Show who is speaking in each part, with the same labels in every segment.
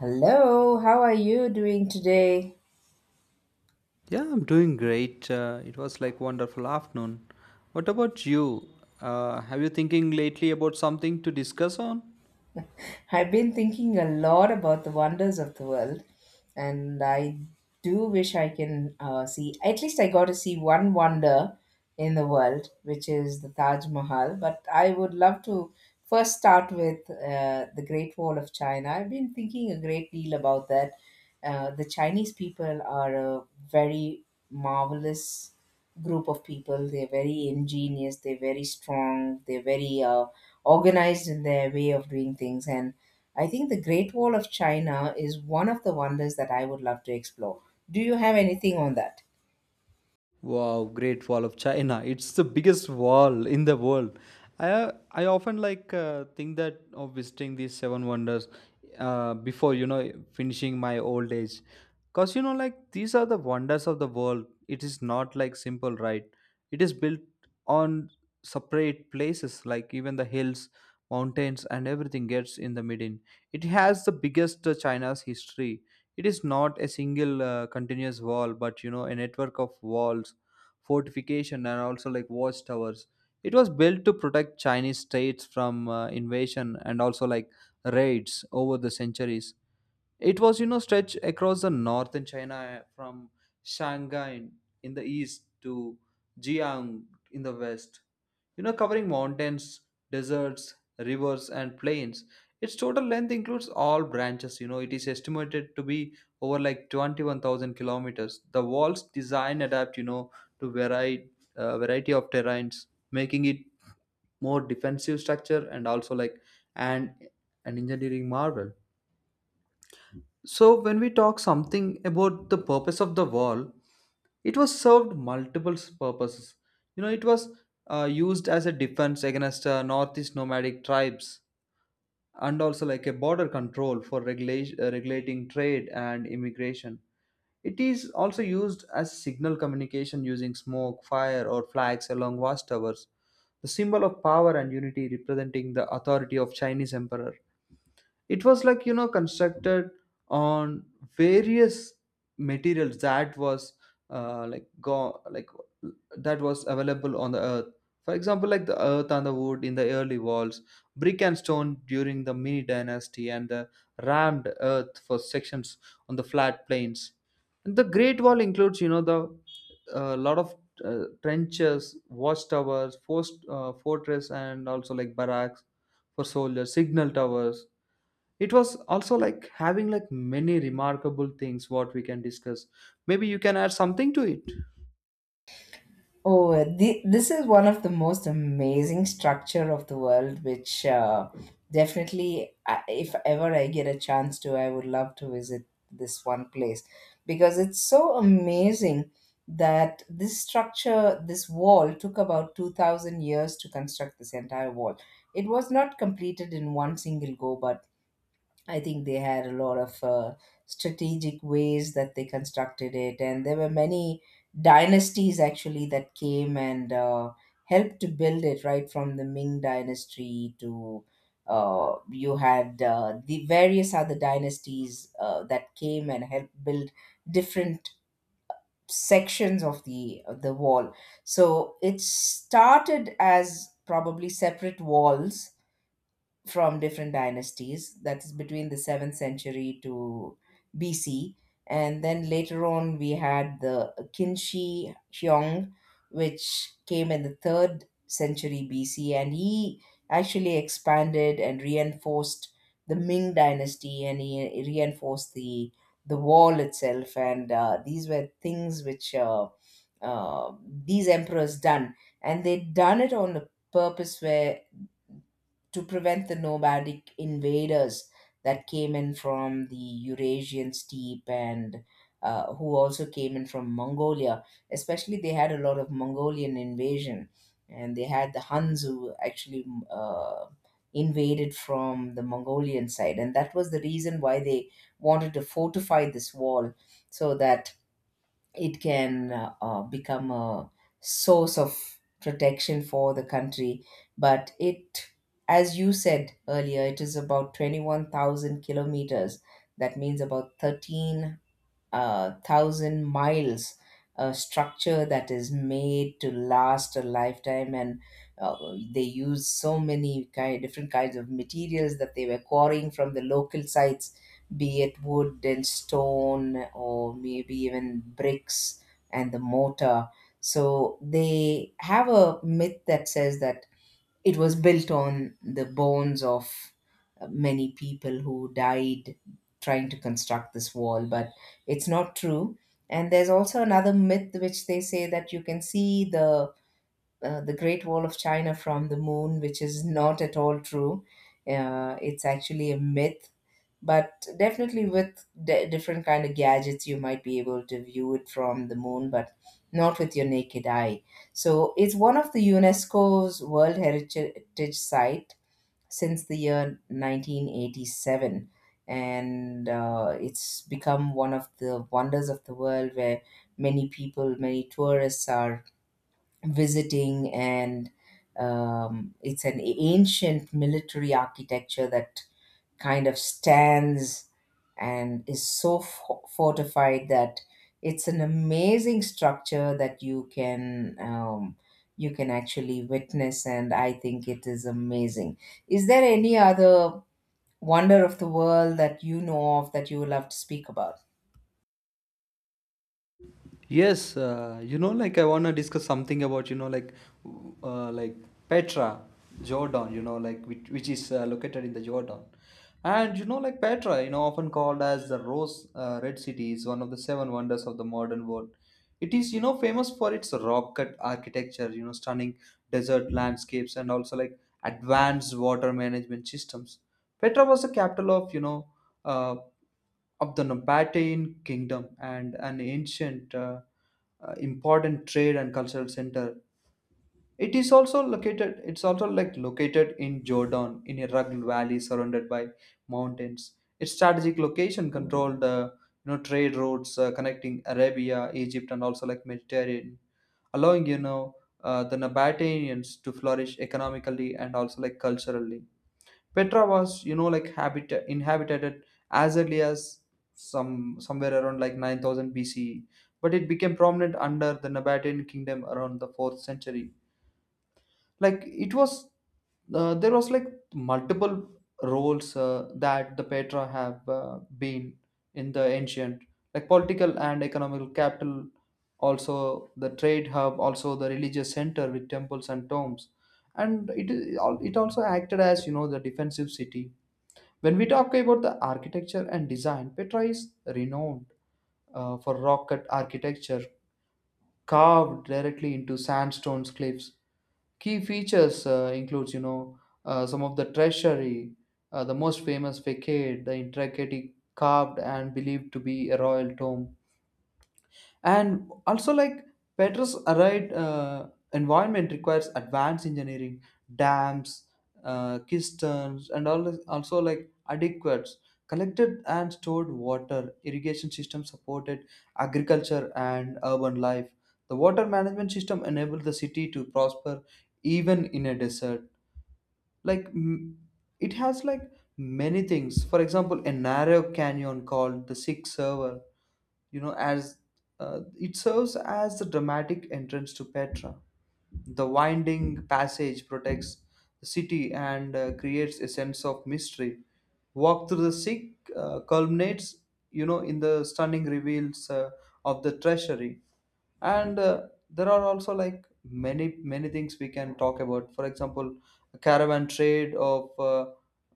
Speaker 1: Hello, how are you doing today?
Speaker 2: Yeah, I'm doing great. It was like wonderful afternoon. What about you? Have you thinking lately about something to discuss on?
Speaker 1: I've been thinking a lot about the wonders of the world, and I do wish I can see, at least I got to see one wonder in the world, which is the Taj Mahal. But I would love to first start with the Great Wall of China. I've been thinking a great deal about that. The Chinese people are a very marvelous group of people. They're very ingenious, they're very strong, they're very organized in their way of doing things. And I think the Great Wall of China is one of the wonders that I would love to explore. Do you have anything on that?
Speaker 2: Wow, Great Wall of China. It's the biggest wall in the world. I often like think that of visiting these seven wonders before finishing my old age. Cause you know like these are the wonders of the world. It is not like simple, right. It is built on separate places like even the hills, mountains and everything gets in the middle. It has the biggest China's history. It is not a single continuous wall, but you know a network of walls, fortification, and also like watchtowers. It was built to protect Chinese states from invasion and also like raids over the centuries. It was, you know, stretched across the northern China from Shanghai in the east to Jiang in the west. You know, covering mountains, deserts, rivers, and plains. Its total length includes all branches. You know, it is estimated to be over like 21,000 kilometers. The wall's design adapt, you know, to varied, variety of terrains, making it more defensive structure and also like an an engineering marvel. So, when we talk something about the purpose of the wall, it was served multiple purposes. You know, it was used as a defense against northeast nomadic tribes and also like a border control for regulating trade and immigration. It is also used as signal communication using smoke, fire, or flags along vast towers, the symbol of power and unity representing the authority of Chinese emperor. It was like you know constructed on various materials that was like go like that was available on the earth. For example, like the earth and the wood in the early walls, brick and stone during the Ming dynasty, and the rammed earth for sections on the flat plains. And the great wall includes you know the a lot of trenches, watchtowers, fortress, and also like barracks for soldiers, signal towers. It was also like having like many remarkable things what we can discuss. Maybe you can add something to it.
Speaker 1: This is one of the most amazing structure of the world, which definitely, I, if ever I get a chance to, I would love to visit this one place because it's so amazing that this structure, this wall, took about 2,000 years to construct this entire wall. It was not completed in one single go, but I think they had a lot of strategic ways that they constructed it, and there were many dynasties actually that came and helped to build it. Right from the Ming dynasty to you had the various other dynasties that came and helped build different sections of the wall. So it started as probably separate walls from different dynasties, that is between the 7th century to BC, and then later on we had the Qinshi Hyong, which came in the 3rd century BC, and he actually expanded and reinforced the Ming dynasty, and he reinforced the wall itself. And these were things which uh, these emperors done, and they done it on a purpose where to prevent the nomadic invaders that came in from the Eurasian steppe, and who also came in from Mongolia. Especially, they had a lot of Mongolian invasion, and they had the Huns who actually uh, invaded from the Mongolian side, and that was the reason why they wanted to fortify this wall so that it can become a source of protection for the country. But it, as you said earlier, it is about 21,000 kilometers. That means about 13 thousand miles, a structure that is made to last a lifetime. And uh, they use so many kind different kinds of materials that they were quarrying from the local sites, be it wood and stone, or maybe even bricks and the mortar. So they have a myth that says that it was built on the bones of many people who died trying to construct this wall, but it's not true. And there's also another myth which they say that you can see the the Great Wall of China from the moon, which is not at all true. It's actually a myth, but definitely with different kind of gadgets you might be able to view it from the moon, but not with your naked eye. So it's one of the UNESCO's world heritage site since the year 1987. And It's become one of the wonders of the world where many people, many tourists are visiting. And It's an ancient military architecture that kind of stands and is so fortified that it's an amazing structure that you can actually witness. And I think it is amazing. Is there any other wonder of the world that you know of that you would love to speak about?
Speaker 2: Yes, you know, like I wanna discuss something about uh, like Petra, Jordan. You know, like, which is located in the Jordan. And you know, like Petra, you know, often called as the Rose Red City, is one of the seven wonders of the modern world. It is you know famous for its rock cut architecture, you know, stunning desert landscapes, and also like advanced water management systems. Petra was the capital of you know uh, of the Nabatean kingdom and an ancient important trade and cultural center. It is also located. It's also like located in Jordan in a rugged valley surrounded by mountains. Its strategic location controlled you know trade routes connecting Arabia, Egypt, and also like Mediterranean, allowing you know the Nabateans to flourish economically and also like culturally. Petra was, you know, like habit inhabited as early as somewhere around like 9,000 BCE, but it became prominent under the Nabatean kingdom around the 4th century. Like it was, there was like multiple roles that the Petra have been in the ancient, like political and economical capital, also the trade hub, also the religious center with temples and tombs. And it is it it also acted as you know the defensive city. When we talk about the architecture and design, Petra is renowned for rock cut architecture carved directly into sandstone cliffs. Key features includes, you know, some of the treasury, the most famous facade, the intricately carved and believed to be a royal tomb. And also like Petra's arid environment requires advanced engineering, dams, cisterns, and also like adequate collected and stored water irrigation system supported agriculture and urban life. The water management system enabled the city to prosper even in a desert. like m- it has like many things. For example, a narrow canyon called the six server, you know, as it serves as the dramatic entrance to Petra. The winding passage protects the city and creates a sense of mystery. Walk through the sick culminates, you know, in the stunning reveals of the treasury. And there are also like many many things we can talk about. For example, caravan trade of uh,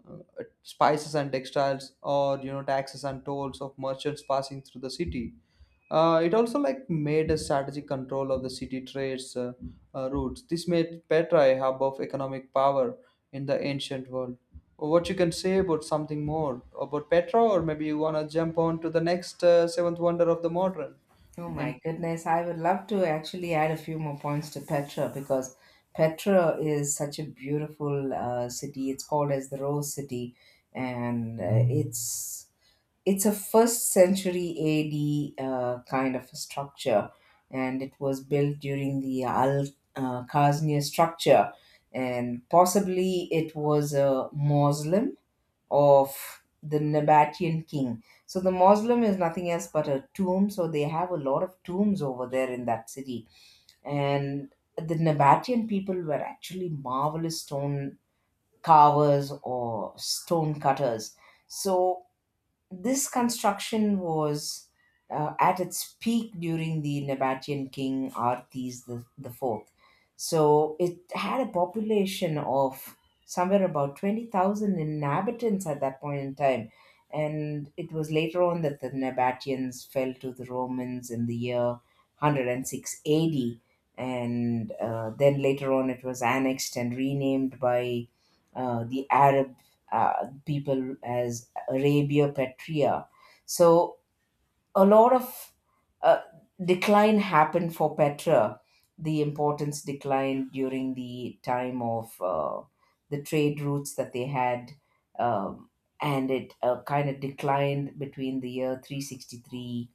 Speaker 2: uh, spices and textiles, or you know taxes and tolls of merchants passing through the city. Uh, it also like made a strategic control of the city trades routes. This made Petra a hub of economic power in the ancient world. What you can say about something more about Petra, or maybe you want to jump on to the next seventh wonder of the modern?
Speaker 1: Oh my goodness, I would love to actually add a few more points to Petra, because Petra is such a beautiful city. It's called as the Rose City. And it's a first century AD kind of a structure, and it was built during the Al Khaznia structure, and possibly it was a mausoleum of the Nabatean king. So the mausoleum is nothing else but a tomb. So they have a lot of tombs over there in that city, and the Nabatean people were actually marvelous stone carvers or stone cutters. So this construction was at its peak during the Nabatean king Artes the fourth. So it had a population of somewhere about 20,000 inhabitants at that point in time. And it was later on that the Nabateans fell to the Romans in the year 106 AD. And then later on, it was annexed and renamed by the Arab people as Arabia Petra. So a lot of uh, decline happened for Petra. The importance declined during the time of the trade routes that they had, um, and it kind of declined between the year 363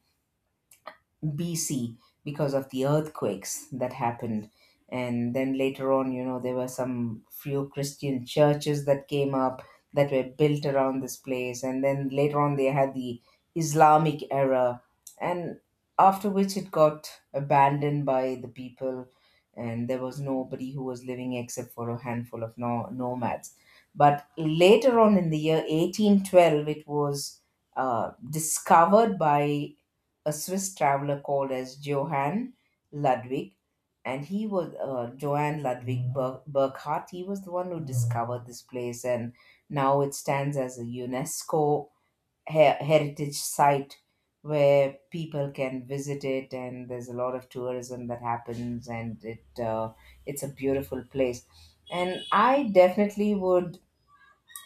Speaker 1: BC because of the earthquakes that happened. And then later on, you know, there were some few Christian churches that came up that were built around this place. And then later on, they had the Islamic era, and after which it got abandoned by the people, and there was nobody who was living except for a handful of nomads. But later on in the year 1812, it was discovered by a Swiss traveler called as Johann Ludwig, and he was Johann Ludwig Burckhardt. He was the one who discovered this place, and now it stands as a UNESCO he- heritage site where people can visit it, and there's a lot of tourism that happens. And it It's a beautiful place. And I definitely would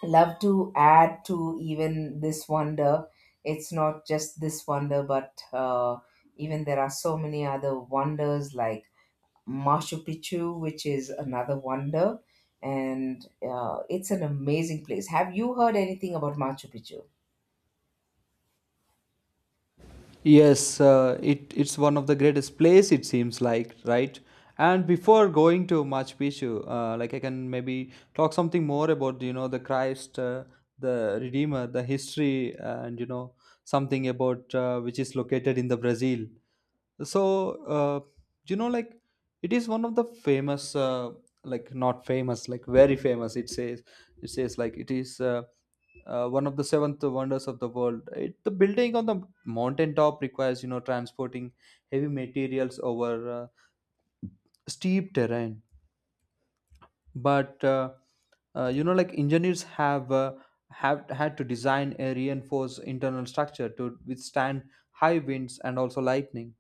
Speaker 1: love to add to even this wonder. It's not just this wonder, but even there are so many other wonders like Machu Picchu, which is another wonder. And it's an amazing place. Have you heard anything about Machu Picchu?
Speaker 2: Yes, it, it's one of the greatest place, it seems like, right? And before going to Machu Picchu, like I can maybe talk something more about you know the Christ, the Redeemer, the history, and you know something about which is located in the Brazil. So you know like it is one of the famous like not famous, like very famous, it says. It says like it is one of the seventh wonders of the world. It, the building on the mountain top requires you know transporting heavy materials over steep terrain. But you know like engineers have had to design a reinforced internal structure to withstand high winds and also lightning.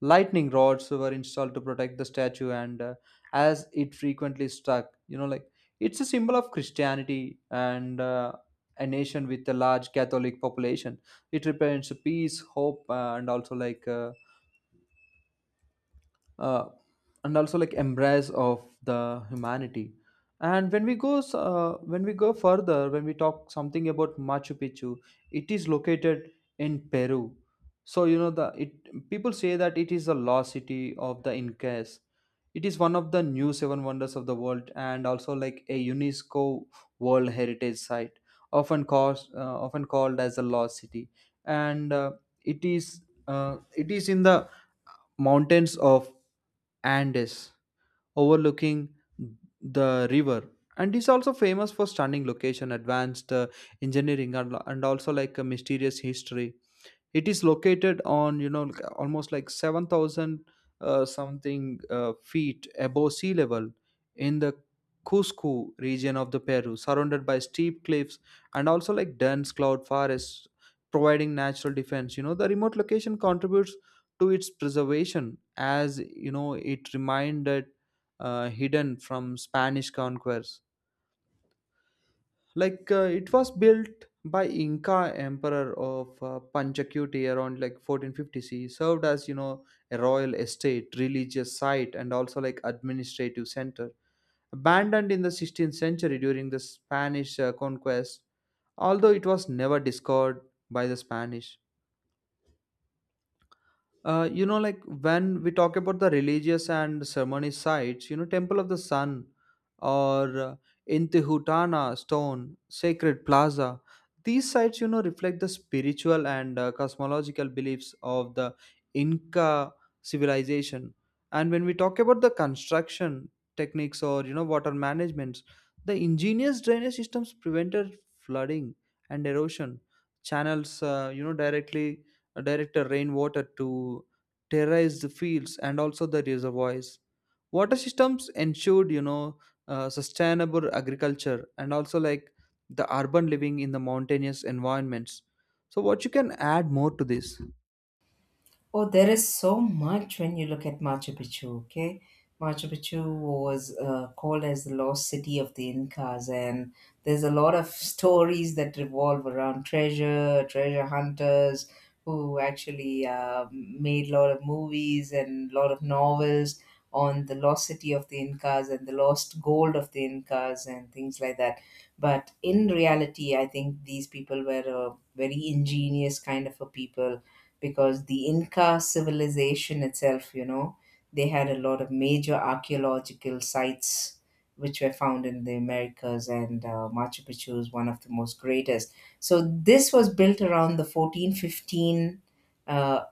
Speaker 2: Lightning rods were installed to protect the statue and as it frequently struck, you know like, it's a symbol of Christianity and a nation with a large Catholic population. It represents peace, hope, uh, and also like embrace of the humanity. And when we go further, when we talk something about Machu Picchu, it is located in Peru. So you know the it people say that it is the lost city of the Incas. It is one of the new seven wonders of the world and also like a UNESCO world heritage site, often called as the lost city. And it is it is in the mountains of Andes, overlooking the river. And is also famous for stunning location, advanced engineering, and also like a mysterious history. It is located on you know like almost like 7,000 something feet above sea level in the Cusco region of the Peru, surrounded by steep cliffs and also like dense cloud forests providing natural defense. You know the remote location contributes to its preservation, as you know it reminded hidden from Spanish conquerors. Like it was built by Inca emperor of Panchakuti around like 1450 c, served as you know a royal estate, religious site, and also like administrative center, abandoned in the 16th century during the Spanish conquest, although it was never discovered by the Spanish. Uh, you know, like when we talk about the religious and ceremony sites, you know, Temple of the Sun or Intihutana Stone, Sacred Plaza, these sites, you know, reflect the spiritual and cosmological beliefs of the Inca civilization. And when we talk about the construction techniques or, you know, water management, the ingenious drainage systems prevented flooding and erosion, channels, you know, directly directed rainwater to terrorize the fields and also the reservoirs. Water systems ensured, you know, sustainable agriculture and also like the urban living in the mountainous environments. So, what you can add more to this?
Speaker 1: Oh, there is so much when you look at Machu Picchu, okay? Machu Picchu was called as the lost city of the Incas, and there's a lot of stories that revolve around treasure, treasure hunters who actually made a lot of movies and a lot of novels on the lost city of the Incas and the lost gold of the Incas and things like that. But in reality, I think these people were a very ingenious kind of a people, because the Inca civilization itself, you know, they had a lot of major archaeological sites which were found in the Americas, and Machu Picchu is one of the most greatest. So this was built around the 1415, uh, uh,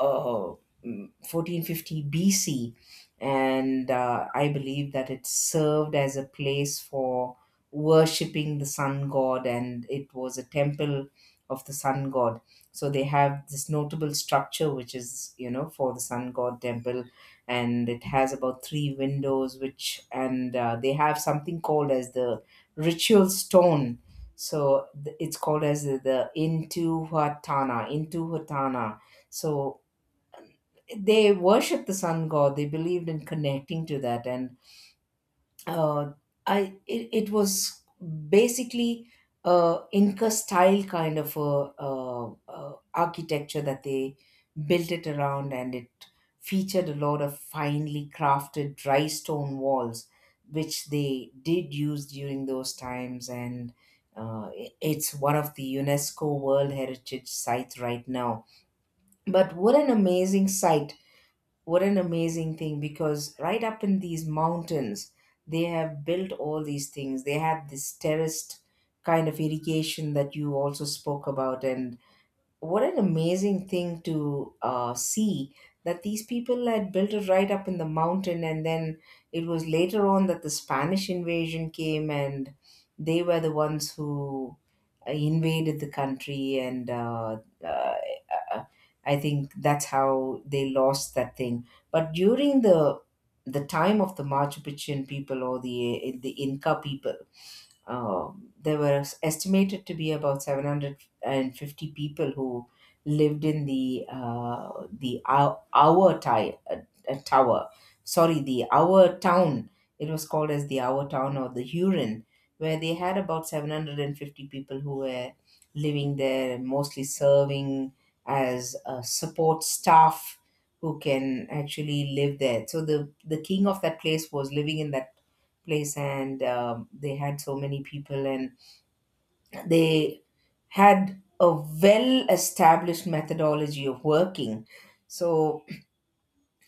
Speaker 1: mm, 1450 BC, and I believe that it served as a place for worshipping the sun god, and it was a temple of the sun god. So they have this notable structure which is, you know, for the sun god temple, and it has about three windows, which, and they have something called as the ritual stone. So it's called as the intihuatana intihuatana. So they worship the sun god, they believed in connecting to that. And uh, it was basically Inca style kind of a, architecture that they built it around, and it featured a lot of finely crafted dry stone walls, which they did use during those times. And it's one of the UNESCO World Heritage Sites right now. But what an amazing sight! What an amazing thing, because right up in these mountains they have built all these things. They have this terraced kind of irrigation that you also spoke about. And what an amazing thing to see that these people had built it right up in the mountain. And then it was later on that the Spanish invasion came, and they were the ones who invaded the country. And uh, uh, I think that's how they lost that thing. But during the time of the Machu Picchu people or the Inca people, there were estimated to be about 750 people who lived in the tower. Sorry, the our town. It was called as the our town or the Huron, where they had about 750 people who were living there, and mostly serving as support staff who can actually live there. So the king of that place was living in that place and they had so many people and they had a well established methodology of working. So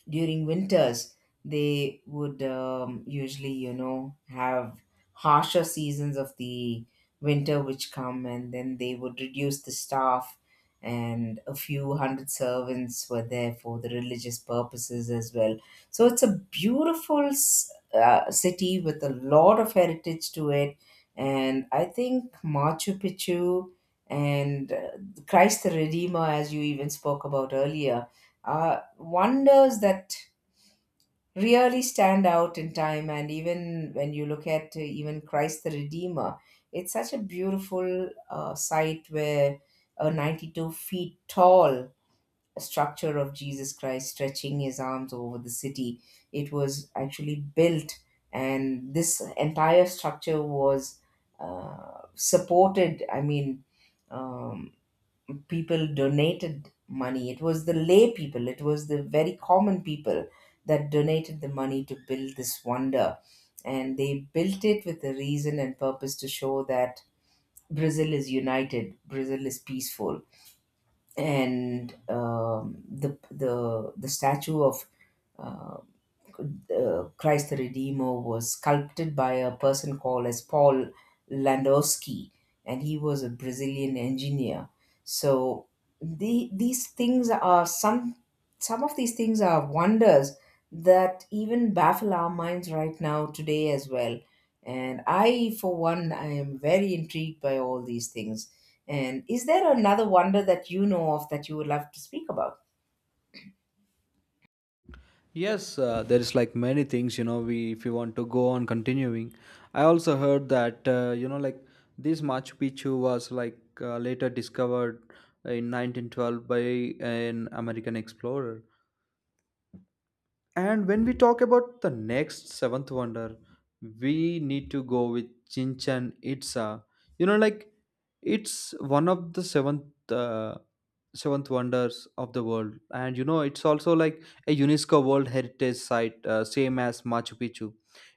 Speaker 1: during winters they would usually have harsher seasons of the winter which come, and then they would reduce the staff, and a few hundred servants were there for the religious purposes as well. So it's a beautiful city with a lot of heritage to it. And I think Machu Picchu and Christ the Redeemer, as you even spoke about earlier, wonders that really stand out in time. And even when you look at even Christ the Redeemer, it's such a beautiful sight where a 92 feet tall structure of Jesus Christ stretching his arms over the city. It was actually built, and this entire structure was supported. I mean um, people donated money. It was the lay people, it was the very common people that donated the money to build this wonder. And they built it with a reason and purpose to show that Brazil is united, Brazil is peaceful. And the statue of uh, Christ the Redeemer was sculpted by a person called as Paul Landowski, and he was a Brazilian engineer. So these things are some of these things are wonders that even baffle our minds right now today as well. And I, for one, I am very intrigued by all these things. And is there another wonder that you know of that you would love to speak about?
Speaker 2: Yes, there is like many things, you know, we if you want to go on continuing. I also heard that, you know, like this Machu Picchu was later discovered in 1912 by an American explorer. And when we talk about the next seventh wonder, we need to go with Chinchan Itza. You know, like it's one of the seventh seventh wonders of the world, and you know it's also like a UNESCO World Heritage Site, same as Machu Picchu.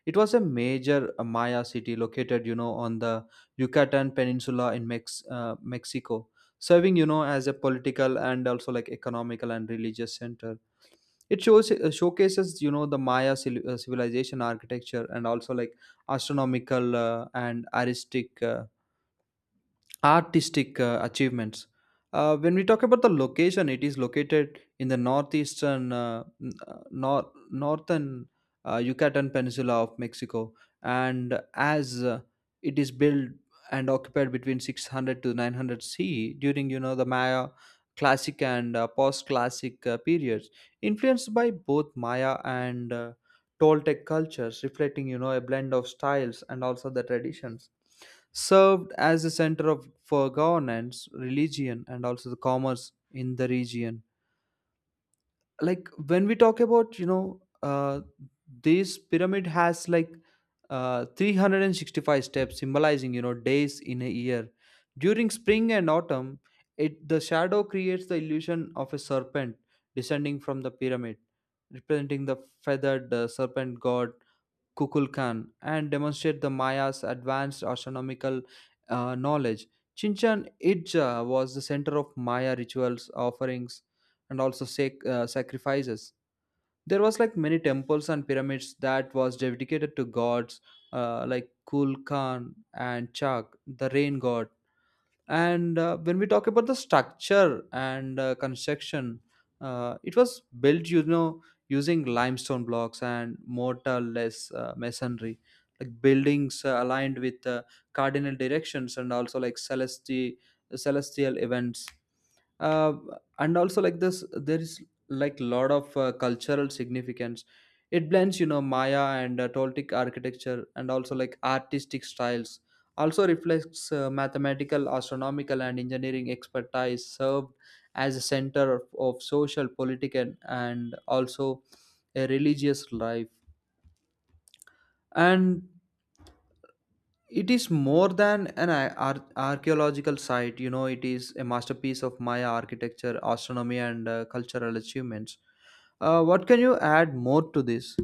Speaker 2: It was a major Maya city located, you know, on the Yucatan Peninsula in Mexico, serving you know as a political and also like economical and religious center. It shows showcases you know the Maya civilization architecture and also like astronomical and aristic artistic achievements. When we talk about the location, it is located in the northeastern, n- nor- northern Yucatan Peninsula of Mexico, and as it is built and occupied between 600 to 900 CE during the Maya classic and post-classic periods, influenced by both Maya and Toltec cultures, reflecting a blend of styles and also the traditions served as a center of for governance, religion, and also the commerce in the region. When we talk about, this pyramid has 365 steps, symbolizing days in a year. During spring and autumn, it the shadow creates the illusion of a serpent descending from the pyramid, representing the feathered serpent god Kukulkan and demonstrate the Mayas' advanced astronomical knowledge. Chichen Itza was the center of Maya rituals, offerings, and also sacrifices. There was like many temples and pyramids that was dedicated to gods like Kulkan and Chak, the rain god. And when we talk about the structure and construction, it was built using limestone blocks and mortarless masonry, like buildings aligned with cardinal directions and also like celestial events, uh, and also like this there is like lot of cultural significance. It blends Maya and Toltec architecture and also like artistic styles, also reflects mathematical, astronomical, and engineering expertise, served as a center of social, political, and also a religious life. And it is more than an archaeological site, it is a masterpiece of Maya architecture, astronomy, and cultural achievements. What can you add more to this?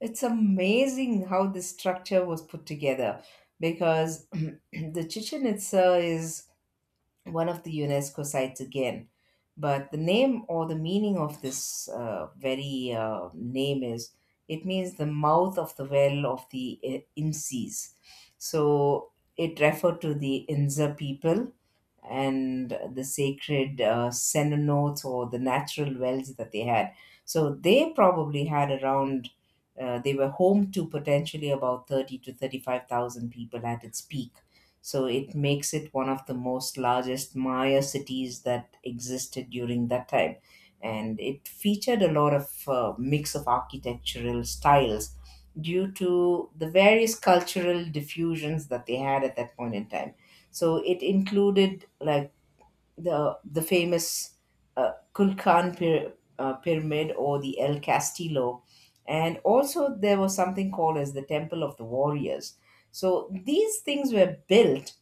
Speaker 1: It's amazing how this structure was put together because the Chichen Itza is one of the UNESCO sites again. But the name or the meaning of this very name is, it means the mouth of the well of the Incis. So it referred to the Inza people and the sacred cenotes or the natural wells that they had. So they probably had around, they were home to potentially about 30 to 35,000 people at its peak. So it makes it one of the most largest Maya cities that existed during that time. And it featured a lot of mix of architectural styles due to the various cultural diffusions that they had at that point in time. So it included like the famous Kulkan pyramid or the El Castillo, and also there was something called as the Temple of the Warriors. So these things were built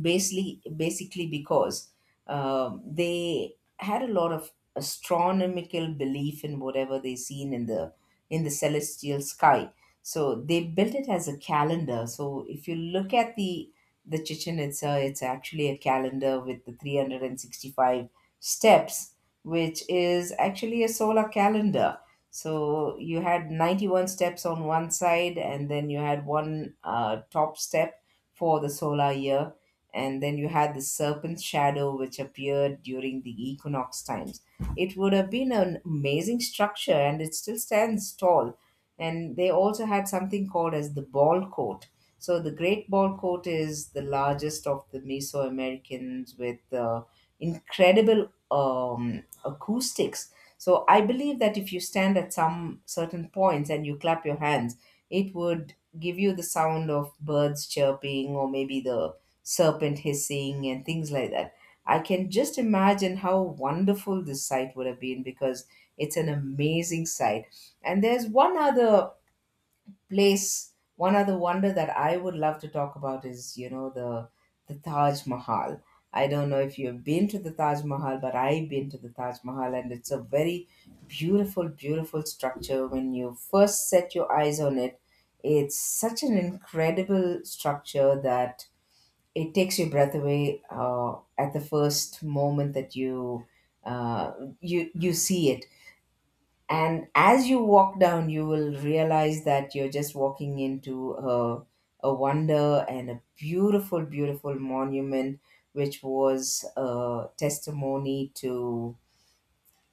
Speaker 1: basically because they had a lot of astronomical belief in whatever they seen in the celestial sky. So they built it as a calendar. So if you look at the Chichen Itza, it's actually a calendar with the 365 steps, which is actually a solar calendar. So you had 91 steps on one side, and then you had one top step for the solar year, and then you had the serpent shadow which appeared during the equinox times. It would have been an amazing structure and it still stands tall. And they also had something called as the ball court. So the great ball court is the largest of the Mesoamericans with incredible acoustics. So I believe that if you stand at some certain points and you clap your hands, it would give you the sound of birds chirping or maybe the serpent hissing and things like that. I can just imagine how wonderful this site would have been because it's an amazing site. And there's one other place. One other wonder that I would love to talk about is, you know, the Taj Mahal. I don't know if you've been to the Taj Mahal, but I've been to the Taj Mahal, and it's a very beautiful, beautiful structure. When you first set your eyes on it, it's such an incredible structure that it takes your breath away at the first moment that uh, you see it. And as you walk down you will realize that you're just walking into a wonder and a beautiful monument which was a testimony to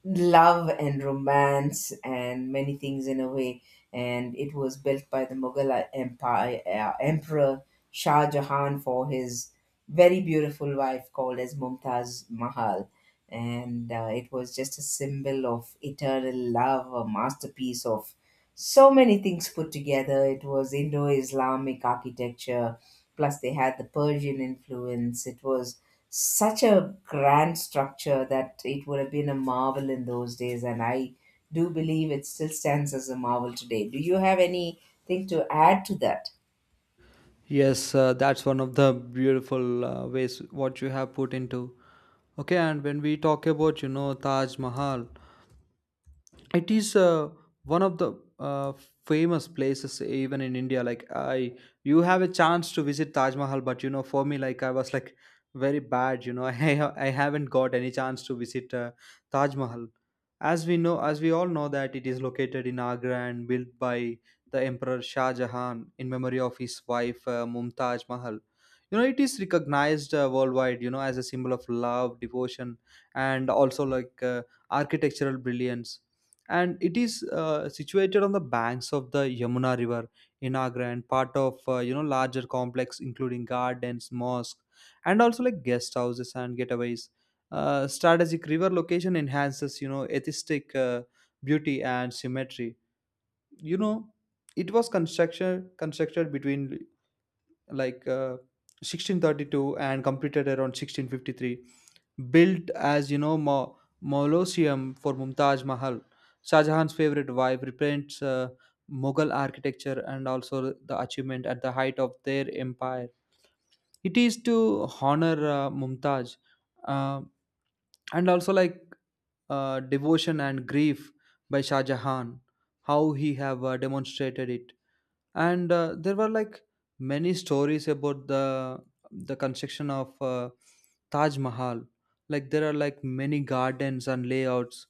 Speaker 1: love and romance and many things in a way. And it was built by the Mughal Empire Emperor Shah Jahan for his very beautiful wife called as Mumtaz Mahal. And it was just a symbol of eternal love, a masterpiece of so many things put together. It was Indo Islamic architecture, plus they had the Persian influence. It was such a grand structure that it would have been a marvel in those days, and I do believe it still stands as a marvel today. Do you have anything to add to that?
Speaker 2: Yes, that's one of the beautiful ways what you have put into. Okay, and when we talk about, Taj Mahal, it is one of the famous places even in India. Like I You have a chance to visit Taj Mahal, but you know, for me, like, I was like very bad, you know. I haven't got any chance to visit Taj Mahal. As we all know, that it is located in Agra and built by the emperor Shah Jahan in memory of his wife, Mumtaz Mahal. You know, it is recognized worldwide, you know, as a symbol of love, devotion, and also like architectural brilliance. And it is situated on the banks of the Yamuna River in Agra, and part of larger complex including gardens, mosque, and also like guest houses and getaways. Strategic river location enhances aesthetic beauty and symmetry. You know, it was construction constructed between like uh, 1632 and completed around 1653, built as you know ma mausoleum for Mumtaz Mahal, Shah Jahan's favorite wife. Represents Mughal architecture and also the achievement at the height of their empire. It is to honor Mumtaz, uh, and also like devotion and grief by Shah Jahan, how he have demonstrated it. And there were like many stories about the construction of Taj Mahal. Like there are like many gardens and layouts,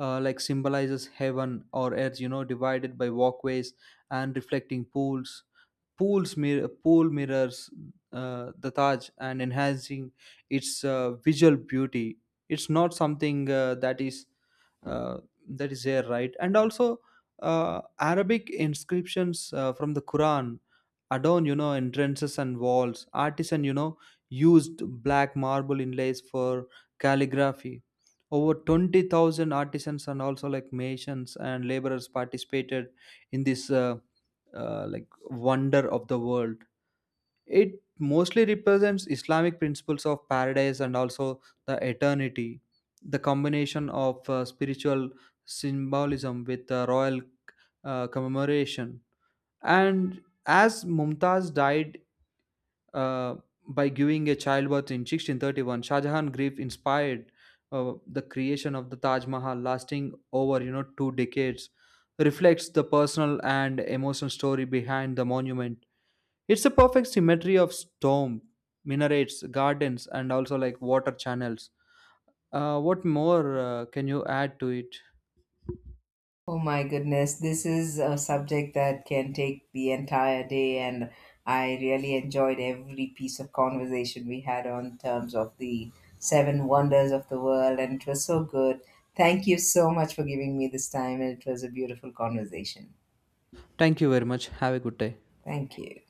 Speaker 2: like symbolizes heaven or earth. You know, divided by walkways and reflecting pool mirrors the Taj and enhancing its visual beauty. It's not something uh, that is there, right? And also Arabic inscriptions from the Quran adorn, you know, entrances and walls. Artisan, you know, used black marble inlays for calligraphy. Over 20,000 artisans and also like masons and laborers participated in this. Like wonder of the world, it mostly represents Islamic principles of paradise and also the eternity, the combination of spiritual symbolism with royal commemoration. And as Mumtaz died, uh, by giving a childbirth in 1631, Shah Jahan grief inspired the creation of the Taj Mahal, lasting over you know 2 decades, reflects the personal and emotional story behind the monument. It's a perfect symmetry of storm, minarets, gardens, and also like water channels. What more can you add to it?
Speaker 1: Oh my goodness, this is a subject that can take the entire day, and I really enjoyed every piece of conversation we had on terms of the seven wonders of the world, and it was so good. Thank you so much for giving me this time, and it was a beautiful conversation.
Speaker 2: Thank you very much. Have a good day.
Speaker 1: Thank you.